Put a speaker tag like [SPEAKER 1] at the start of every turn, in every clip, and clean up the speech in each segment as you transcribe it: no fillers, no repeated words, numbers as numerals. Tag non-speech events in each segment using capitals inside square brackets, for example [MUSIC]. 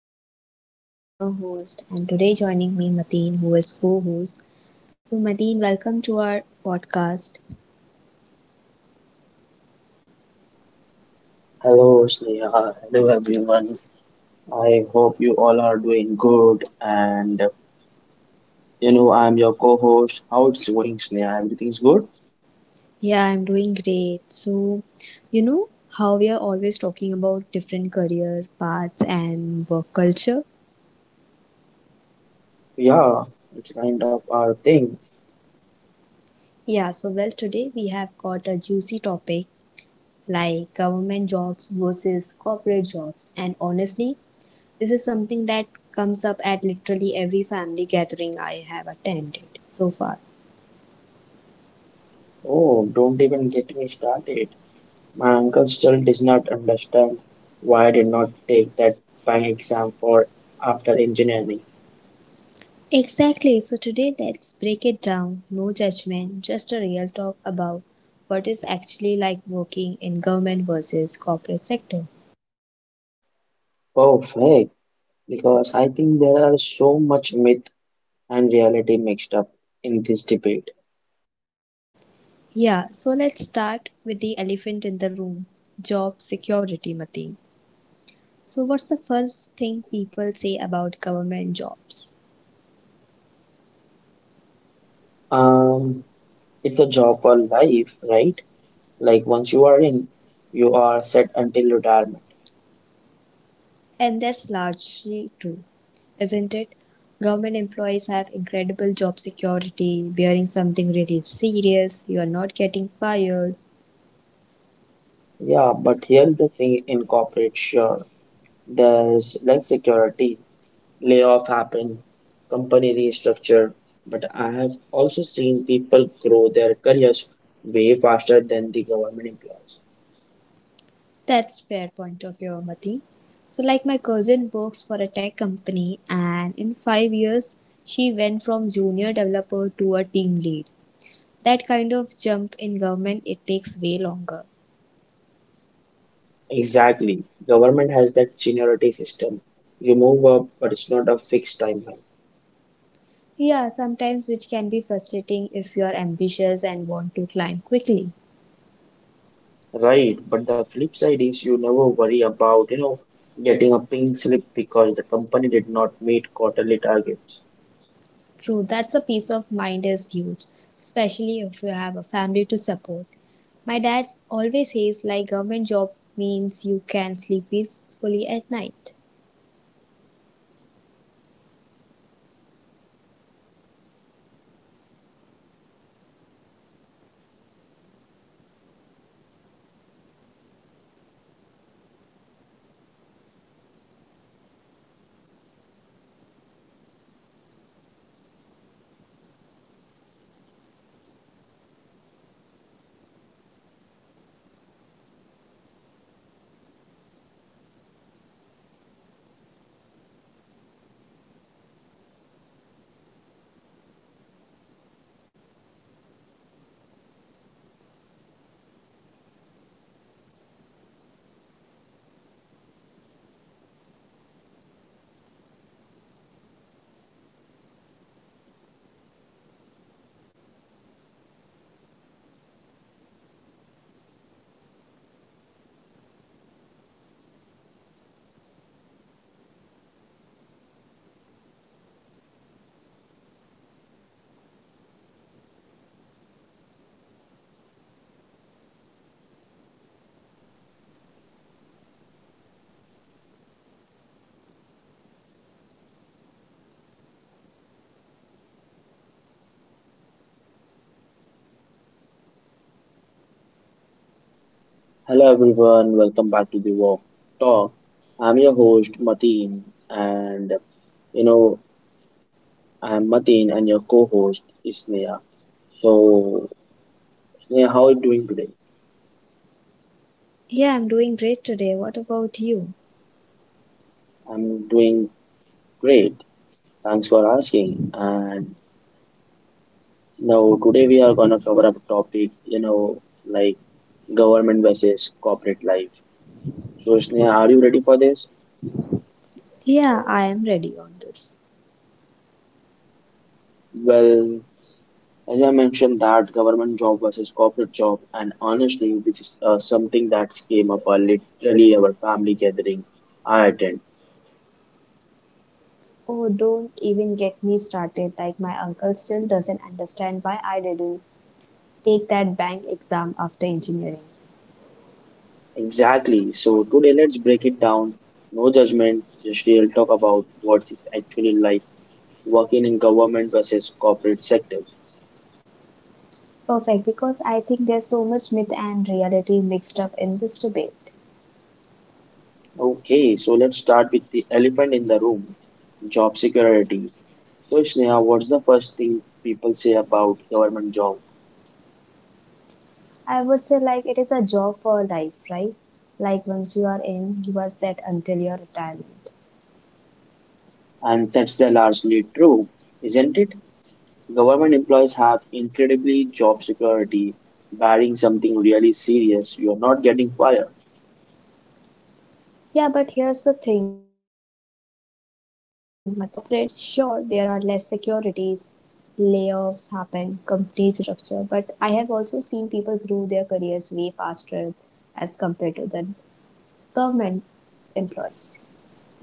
[SPEAKER 1] Talk with Sneha. I'm your host, and today joining me Mateen, who is co-host. So Mateen, welcome to our podcast.
[SPEAKER 2] Hello, Sneha. Hello, everyone. I hope you all are doing good. I'm your co-host. How it's going, Sneha? Everything's good?
[SPEAKER 1] Yeah, I'm doing great. So, you know how we are always talking about different career paths and work culture.
[SPEAKER 2] Yeah, it's kind of our thing.
[SPEAKER 1] So today we have got a juicy topic like government jobs versus corporate jobs, and honestly, this is something that comes up at literally every family gathering I have attended so far.
[SPEAKER 2] Oh, don't even get me started. My uncle still does not understand why I did not take that bank exam for after engineering.
[SPEAKER 1] Exactly. So today let's break it down. No judgment, just a real talk about what is actually like working in government versus corporate sector.
[SPEAKER 2] Perfect, because I think there are so much myth and reality mixed up in this debate.
[SPEAKER 1] Yeah, so let's start with the elephant in the room, job security, Mateen. So what's the first thing people say about government jobs?
[SPEAKER 2] Um, It's a job for life, right? Like once you are in, you are set until retirement.
[SPEAKER 1] And that's largely true, isn't it? Government employees have incredible job security, wearing something really serious, you are not getting fired.
[SPEAKER 2] Yeah, but here's the thing in corporate, sure, there's less security, layoff happen, company restructure, but I have also seen people grow their careers way faster than the government employees.
[SPEAKER 1] That's fair point of view, Mati. So like my cousin works for a tech company and in 5 years she went from junior developer to a team lead. That kind of jump in government it takes way longer.
[SPEAKER 2] Exactly. Government has that seniority system. You move up, but it's not a fixed timeline.
[SPEAKER 1] Yeah, sometimes which can be frustrating if you are ambitious and want to climb quickly.
[SPEAKER 2] Right, but the flip side is you never worry about, getting a pink slip because the company did not meet quarterly targets.
[SPEAKER 1] True, that's a peace of mind is huge, especially if you have a family to support. My dad always says like government job means you can sleep peacefully at night.
[SPEAKER 2] Hello everyone, welcome back to the Walk Talk. I'm your host Mateen, and you know I'm Mateen, and your co-host is Sneha. So Sneha, how are you doing today?
[SPEAKER 1] Yeah, I'm doing great today. What about you?
[SPEAKER 2] I'm doing great. Thanks for asking. And now today we are gonna cover up topic, like government versus corporate life. So Sneha, are you ready for this?
[SPEAKER 1] Yeah, I am ready on this.
[SPEAKER 2] Well, as I mentioned, that government job versus corporate job, and honestly, this is something that came up literally our family gathering I attend.
[SPEAKER 1] Oh, don't even get me started. Like, my uncle still doesn't understand why I didn't take that bank exam after engineering.
[SPEAKER 2] Exactly. So today, let's break it down. No judgment, just real talk about what is actually like working in government versus corporate sectors.
[SPEAKER 1] Perfect, because I think there's so much myth and reality mixed up in this debate.
[SPEAKER 2] Okay, so let's start with the elephant in the room, job security. So, Sneha, what's the first thing people say about government job?
[SPEAKER 1] I would say like it is a job for life, right? Like once you are in, you are set until your retirement.
[SPEAKER 2] And that's the largely true, isn't it? Government employees have incredibly job security, barring something really serious, you're not getting fired.
[SPEAKER 1] Yeah, but here's the thing, Mati. In corporate, sure, there are less securities, layoffs happen, companies restructure, but I have also seen people grow their careers way faster as compared to the government employees.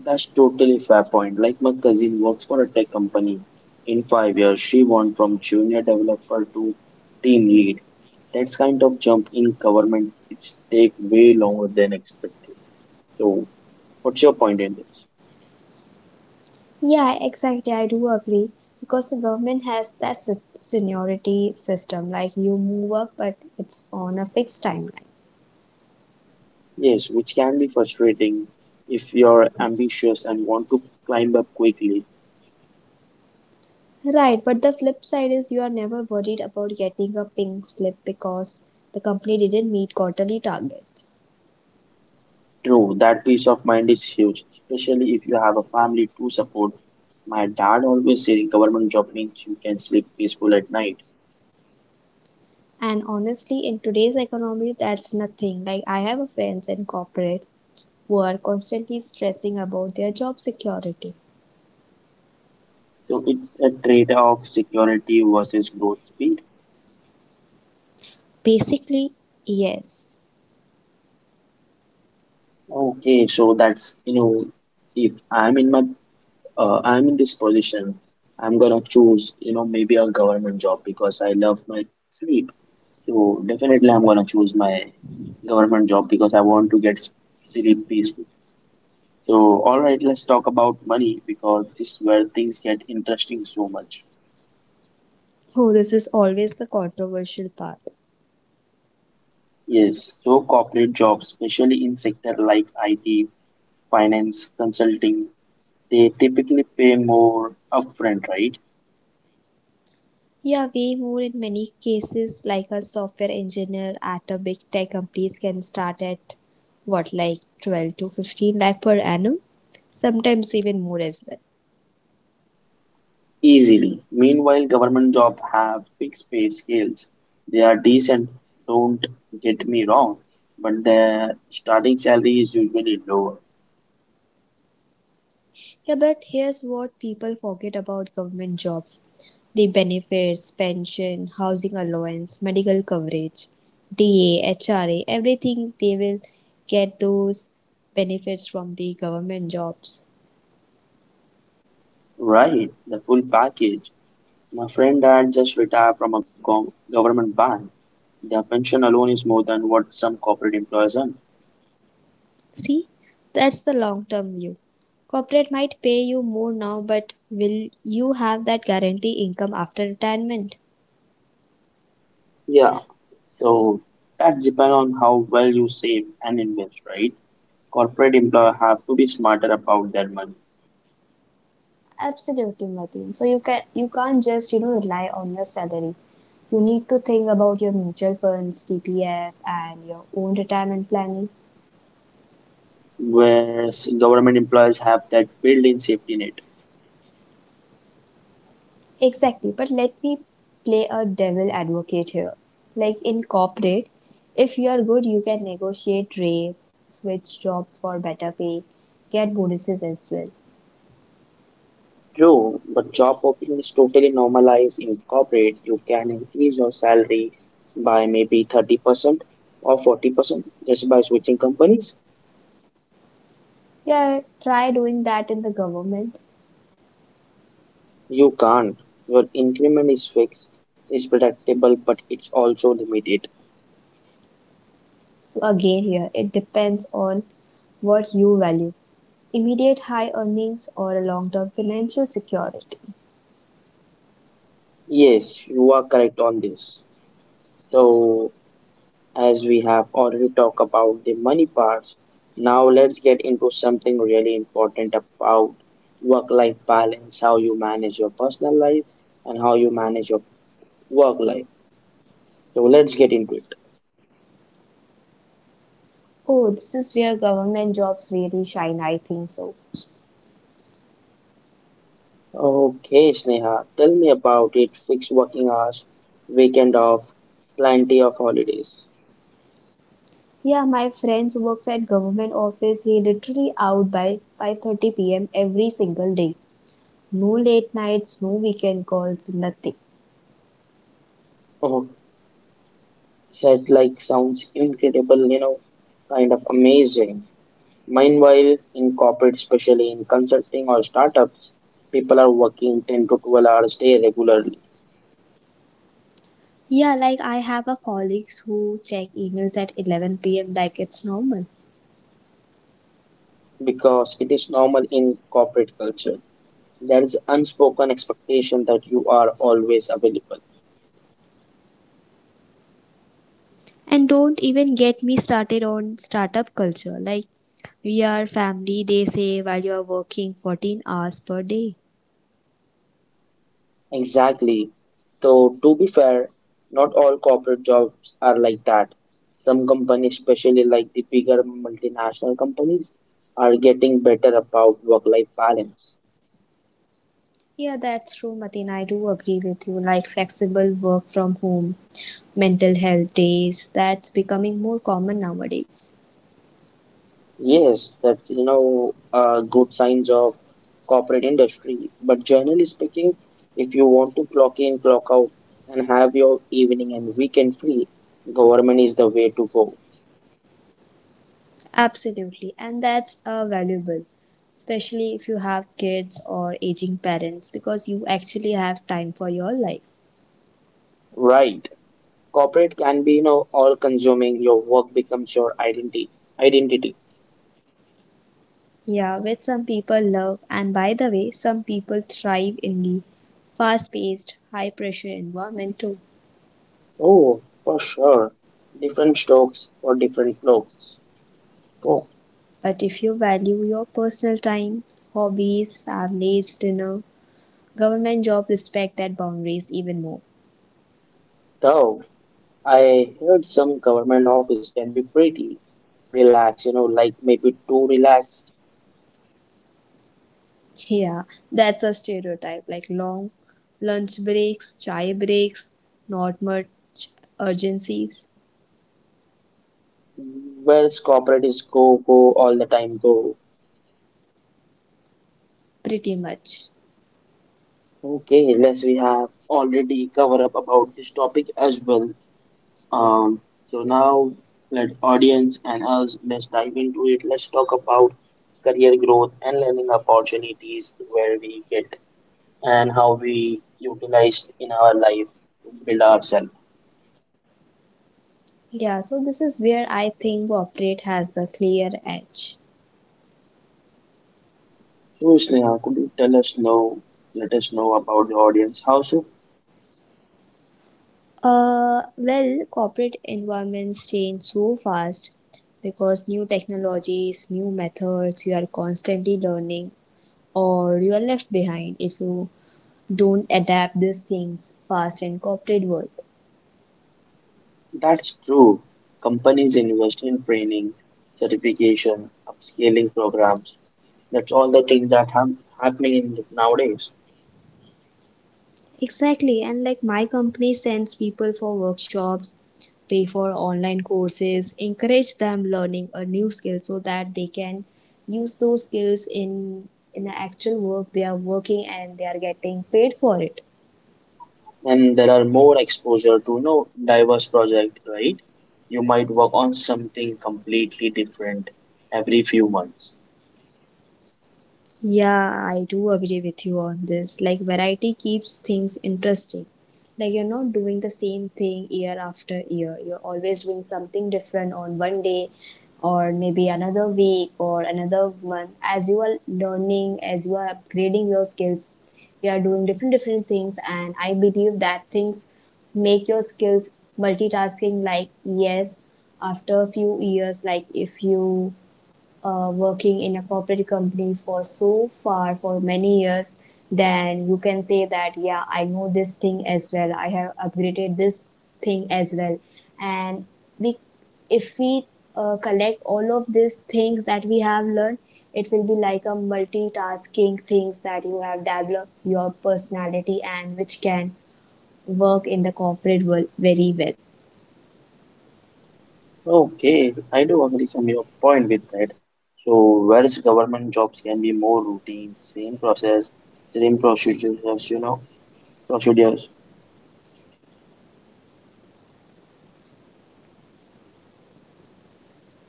[SPEAKER 2] That's totally fair point. Like my cousin works for a tech company. In 5 years, she went from junior developer to team lead. That's kind of jump in government, it's take way longer than expected. So, what's your point in this?
[SPEAKER 1] Yeah, exactly. I do agree because the government has that seniority system. Like you move up, but it's on a fixed timeline.
[SPEAKER 2] Yes, which can be frustrating if you're ambitious and want to climb up quickly.
[SPEAKER 1] Right, but the flip side is you are never worried about getting a pink slip because the company didn't meet quarterly targets.
[SPEAKER 2] True, that peace of mind is huge, especially if you have a family to support. My dad always said government job means you can sleep peaceful at night.
[SPEAKER 1] And honestly, in today's economy, that's nothing. Like I have a friends in corporate who are constantly stressing about their job security.
[SPEAKER 2] So it's a trade of security versus growth speed.
[SPEAKER 1] Basically, yes.
[SPEAKER 2] Okay, if I'm in my I'm in this position, I'm gonna choose maybe a government job because I love my sleep. So definitely I'm gonna choose my government job because I want to get sleep peaceful. So, all right, let's talk about money because this is where things get interesting so much.
[SPEAKER 1] Oh, this is always the controversial part.
[SPEAKER 2] Yes, so corporate jobs, especially in sector like IT, finance, consulting, they typically pay more upfront, right?
[SPEAKER 1] Yeah, way more in many cases, like a software engineer at a big tech companies can start at what, like 12 to 15 lakh per annum, sometimes even more as well.
[SPEAKER 2] Easily. Meanwhile, government jobs have fixed pay scales. They are decent, don't get me wrong, but their starting salary is usually lower.
[SPEAKER 1] Yeah, but here's what people forget about government jobs the benefits, pension, housing allowance, medical coverage, DA, HRA, everything they will get those benefits from the government jobs.
[SPEAKER 2] Right, the full package. My friend dad just retired from a government bank. Their pension alone is more than what some corporate employees earn.
[SPEAKER 1] See, that's the long term view. Corporate might pay you more now, but will you have that guarantee income after retirement?
[SPEAKER 2] Yeah, so that depends on how well you save and invest, right? Corporate employers have to be smarter about their money,
[SPEAKER 1] Absolutely, Mateen. So you can't just rely on your salary. You need to think about your mutual funds, PPF, and your own retirement planning.
[SPEAKER 2] whereas government employers have that built-in safety net.
[SPEAKER 1] Exactly. But let me play a devil advocate here. Like in corporate, if you are good, you can negotiate raise, switch jobs for better pay, get bonuses as well.
[SPEAKER 2] True. But job hopping is totally normalized in corporate. You can increase your salary by maybe 30% or 40% just by switching companies.
[SPEAKER 1] Yeah, try doing that in the government.
[SPEAKER 2] You can't. Your increment is fixed, it's predictable, but it's also limited.
[SPEAKER 1] So again here, it depends on what you value. Immediate high earnings or a long-term financial security.
[SPEAKER 2] Yes, you are correct on this. So, as we have already talked about the money parts, now let's get into something really important about work-life balance, how you manage your personal life and how you manage your work life. So let's get into it.
[SPEAKER 1] Oh, this is where government jobs really shine, I think so.
[SPEAKER 2] Okay, Sneha, tell me about it. Fixed working hours, weekend off, plenty of holidays.
[SPEAKER 1] Yeah, my friend works at government office. He literally out by 5:30 p.m. every single day. No late nights, no weekend calls, nothing.
[SPEAKER 2] Said like sounds incredible, kind of amazing. Meanwhile, in corporate, especially in consulting or startups, people are working 10 to 12 hours day regularly
[SPEAKER 1] Yeah, like I have a colleagues who check emails at 11 p.m. like it's normal.
[SPEAKER 2] because it is normal in corporate culture. There is unspoken expectation that you are always available.
[SPEAKER 1] And don't even get me started on startup culture. Like, we are family, they say, while you are working 14 hours per day.
[SPEAKER 2] Exactly. Though, to be fair, not all corporate jobs are like that. Some companies, especially like the bigger multinational companies, are getting better about work-life balance.
[SPEAKER 1] Yeah, that's true, Matin. I do agree with you. Like flexible work from home, mental health days, that's becoming more common nowadays.
[SPEAKER 2] Yes, that's good signs of corporate industry. But generally speaking, if you want to clock in, clock out, and have your evening and weekend free, government is the way to go.
[SPEAKER 1] Absolutely. And that's valuable, especially if you have kids or aging parents, because you actually have time for your life.
[SPEAKER 2] Right. Corporate can be all consuming. Your work becomes your identity.
[SPEAKER 1] Yeah, which some people love, and by the way, some people thrive in the fast paced, high pressure environment too.
[SPEAKER 2] Oh, for sure. Different strokes for different folks. Oh,
[SPEAKER 1] But if you value your personal time, hobbies, families, dinner, government job, respect that boundaries even more. [LAUGHS]
[SPEAKER 2] though I heard some government office can be pretty relaxed. You know, like maybe too relaxed.
[SPEAKER 1] Yeah, that's a stereotype like long lunch breaks, chai breaks, not much urgencies,
[SPEAKER 2] Whereas corporate is go go all the time go.
[SPEAKER 1] pretty much.
[SPEAKER 2] Okay, let's we have already covered up about this topic as well. Um, so now let audience and us let's dive into it. Let's talk about career growth and learning opportunities where we get and how we utilize in our life to build ourselves.
[SPEAKER 1] Yeah, so this is where I think corporate has a clear edge.
[SPEAKER 2] So Sneha, could you tell us now, let us know about the audience? How so?
[SPEAKER 1] Corporate environments change so fast because new technologies, new methods, you are constantly learning, or you are left behind if you don't adapt these things fast in corporate world.
[SPEAKER 2] That's true. Companies invest in training, certification, upscaling programs. That's all the things that are happening in the, nowadays.
[SPEAKER 1] Exactly, and like my company sends people for workshops, pay for online courses, encourage them learning a new skill so that they can use those skills in the actual work they are working and they are getting paid for it.
[SPEAKER 2] And there are more exposure to diverse project, right? You might work on something completely different every few months.
[SPEAKER 1] Yeah, I do agree with you on this. Like, variety keeps things interesting. Like, you're not doing the same thing year after year. You're always doing something different on one day, or maybe another week, or another month. As you are learning, as you are upgrading your skills, you are doing different, different things. And I believe that things make your skills multitasking. Like, yes, after a few years, like, if you working in a corporate company for so far for many years, then you can say that yeah I know this thing as well, I have upgraded this thing as well. And we, if we collect all of these things that we have learned, it will be like a multitasking things that you have developed your personality and which can work in the corporate world very well.
[SPEAKER 2] Okay, I do agree from your point with that. So whereas government jobs can be more routine, same process, same procedures.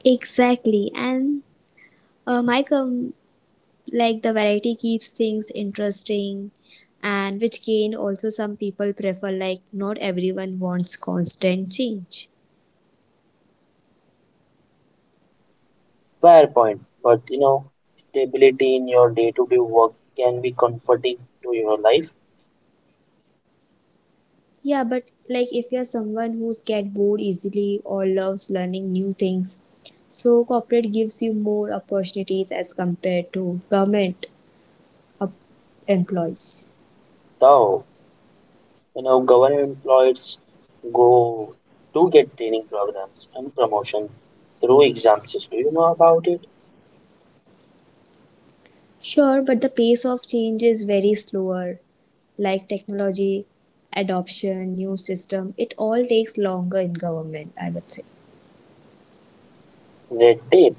[SPEAKER 1] Exactly. And uh, my com- like the variety keeps things interesting and which gain also some people prefer, like not everyone wants constant change.
[SPEAKER 2] Fair point, but stability in your day-to-day work can be comforting to your life.
[SPEAKER 1] Yeah, but like if you're someone who's get bored easily or loves learning new things, so corporate gives you more opportunities as compared to government op- employees.
[SPEAKER 2] Though you know, government employees go do get training programs and promotion through exam system. You know about it?
[SPEAKER 1] Sure, but the pace of change is very slower, like technology adoption, new system, it all takes longer in government, I would say.
[SPEAKER 2] Red tape.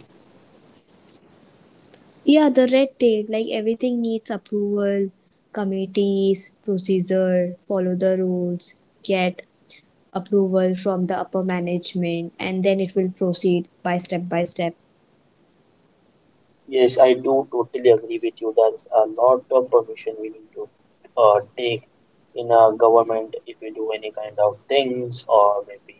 [SPEAKER 1] Yeah, the red tape, like everything needs approval, committees, procedure, follow the rules, get approval from the upper management, and then it will proceed by step by step.
[SPEAKER 2] Yes, I do totally agree with you. There's a lot of permission we need to take in a government if we do any kind of things or maybe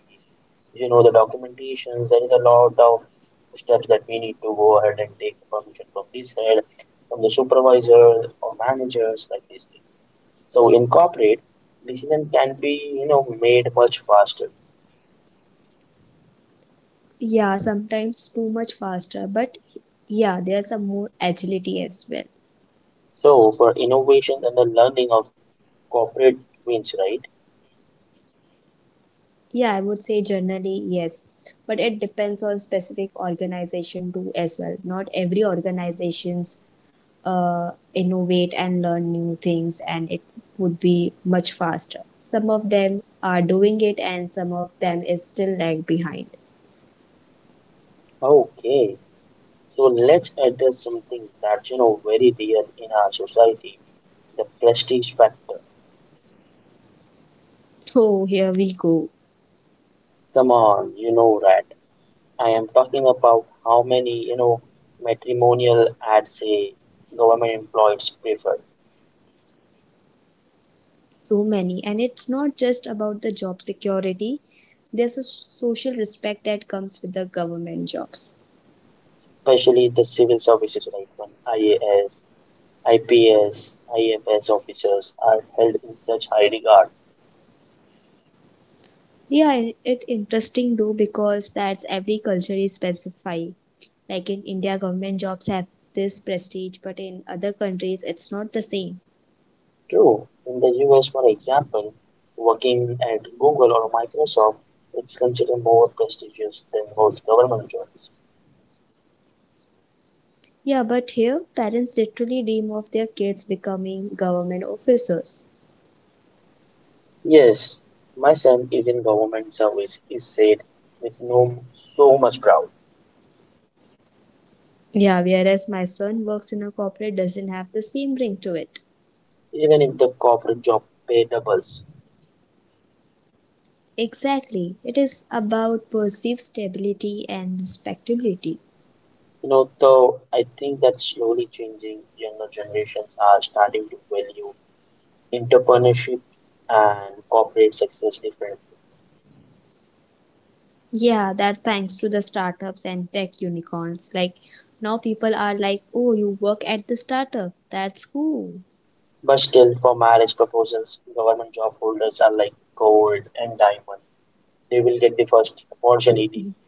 [SPEAKER 2] the documentations. There is a lot of steps that we need to go ahead and take permission from this head, from the supervisor or managers like this. So in corporate, decision can be made much faster.
[SPEAKER 1] Yeah, sometimes too much faster, but yeah, there's some more agility as well.
[SPEAKER 2] So for innovations and the learning of corporate wins, right?
[SPEAKER 1] Yeah, I would say generally yes, but it depends on specific organization too as well. Not every organizations innovate and learn new things and it would be much faster. Some of them are doing it and some of them is still lag behind.
[SPEAKER 2] Okay. So let's address something that's very real in our society, the prestige factor.
[SPEAKER 1] Oh, here we go.
[SPEAKER 2] Come on, you know that. I am talking about how many matrimonial ads say government employees prefer,
[SPEAKER 1] So many, and it's not just about the job security. There's a social respect that comes with the government jobs.
[SPEAKER 2] especially the civil services, right? One IAS, IPS, IFS officers are held in such high regard.
[SPEAKER 1] Yeah, it, interesting though, because that's every culture is specified. Like in India government jobs have this prestige but in other countries it's not the same.
[SPEAKER 2] True, in the US, for example, working at Google or Microsoft is considered more prestigious than most government jobs.
[SPEAKER 1] Yeah, but here parents literally dream of their kids becoming government officers.
[SPEAKER 2] Yes, my son is in government service, is said with no so much pride,
[SPEAKER 1] Yeah, whereas my son works in a corporate doesn't have the same ring to it.
[SPEAKER 2] even if the corporate job pay doubles.
[SPEAKER 1] Exactly. It is about perceived stability and respectability.
[SPEAKER 2] You know, though I think that slowly changing younger generations are starting to value entrepreneurships and corporate success differently.
[SPEAKER 1] Yeah, that thanks to the startups and tech unicorns. Like now people are like, "Oh, you work at the startup. That's cool."
[SPEAKER 2] But still, for marriage proposals, government job holders are like gold and diamond. They will get the first opportunity.
[SPEAKER 1] [LAUGHS]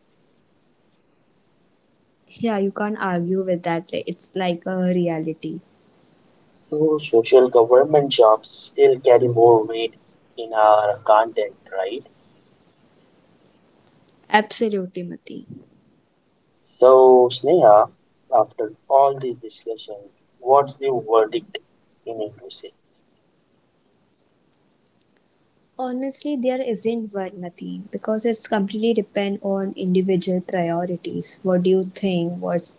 [SPEAKER 1] Yeah, you can't argue with that. Like, it's like a reality.
[SPEAKER 2] So, social government jobs still carry more weight in our content, right?
[SPEAKER 1] Absolutely, Mati.
[SPEAKER 2] So, Sneha, after all this discussion, what's the verdict you need to say?
[SPEAKER 1] Honestly, there isn't one, Mateen, because it's completely depend on individual priorities. What do you think? What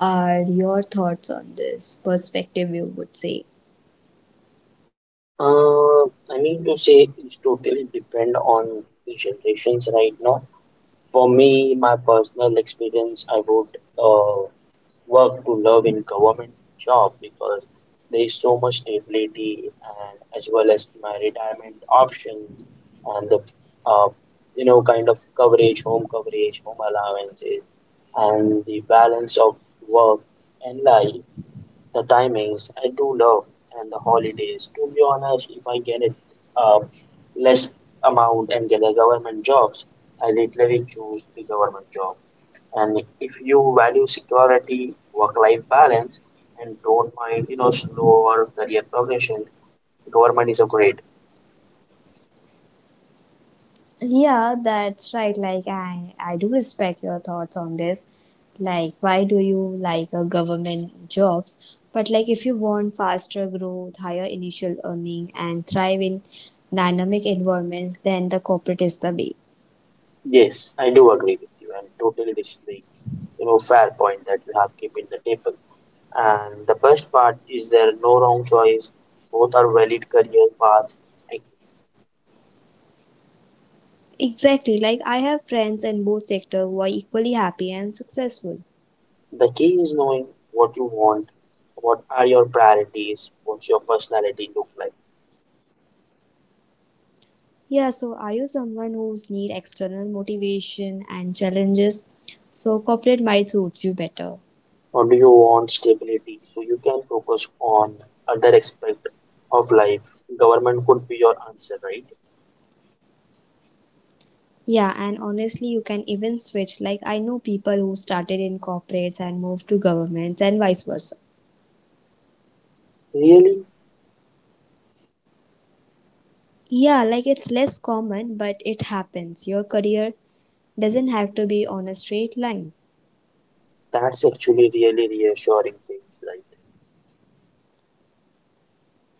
[SPEAKER 1] are your thoughts on this perspective? You would say.
[SPEAKER 2] Uh, I need to say it's totally depend on the generations right now. For me, my personal experience, I would work to love in government job because there is so much stability and as well as my retirement options and the uh, kind of coverage, home allowances, and the balance of work and life, the timings I do love and the holidays. To be honest, if I get it uh, less amount and get a government jobs, I literally choose the government job. And if you value security, work-life balance, and don't mind, you know, slower career progression, government is a great.
[SPEAKER 1] Yeah, that's right. Like I do respect your thoughts on this. Like, why do you like a government jobs? But like, if you want faster growth, higher initial earning, and thrive in dynamic environments, then the corporate is the way.
[SPEAKER 2] Yes, I do agree with you, and totally this is the, fair point that you have keep in the table. And the best part is there are no wrong choice. Both are valid career paths.
[SPEAKER 1] Exactly, like I have friends in both sectors who are equally happy and successful.
[SPEAKER 2] The key is knowing what you want, what are your priorities, what's your personality look like,
[SPEAKER 1] Yeah, so are you someone who's need external motivation and challenges? So corporate might suits you better.
[SPEAKER 2] or do you want stability so you can focus on other aspect of life? Government could be your answer, right?
[SPEAKER 1] Yeah, and honestly, you can even switch. Like I know people who started in corporates and moved to governments and vice versa.
[SPEAKER 2] Really,
[SPEAKER 1] Yeah, like it's less common, but it happens. Your career doesn't have to be on a straight line.
[SPEAKER 2] that's actually really reassuring things, right?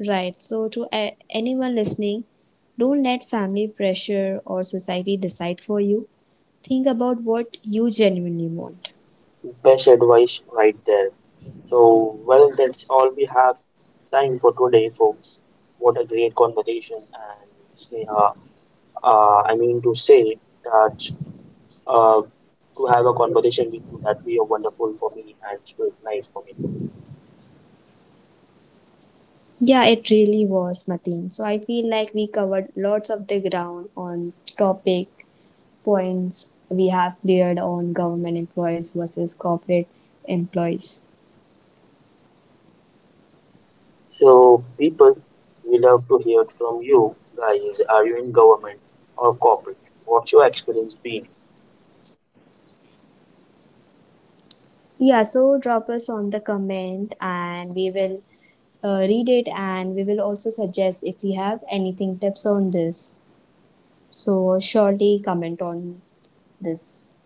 [SPEAKER 1] Right. So, to anyone listening, don't let family pressure or society decide for you. Think about what you genuinely want.
[SPEAKER 2] Best advice right there. So, well, that's all we have time for today, folks. What a great conversation, and Sneha, I mean to say that uh, to have a conversation with you that be a wonderful for me and it was nice for me.
[SPEAKER 1] Yeah, it really was, Mateen. So, I feel like we covered lots of the ground on topic points we have cleared on government employees versus corporate employees.
[SPEAKER 2] So people, we love to hear from you guys. Are you in government or corporate? What's your experience been?
[SPEAKER 1] Yeah, so drop us on the comment and we will read it and we will also suggest if we have anything tips on this. So surely comment on this.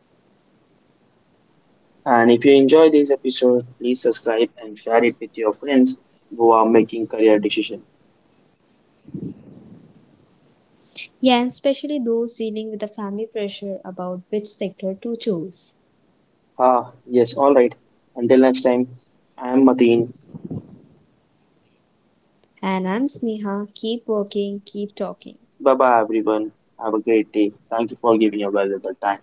[SPEAKER 2] And if you enjoy this episode, please subscribe and share it with your friends who are making career decisions.
[SPEAKER 1] Yeah, and especially those dealing with the family pressure about which sector to choose.
[SPEAKER 2] Ah, yes, all right. Until next time, I am Mateen.
[SPEAKER 1] And I'm Sneha. Keep working, keep talking.
[SPEAKER 2] Bye bye, everyone. Have a great day. Thank you for giving your valuable time.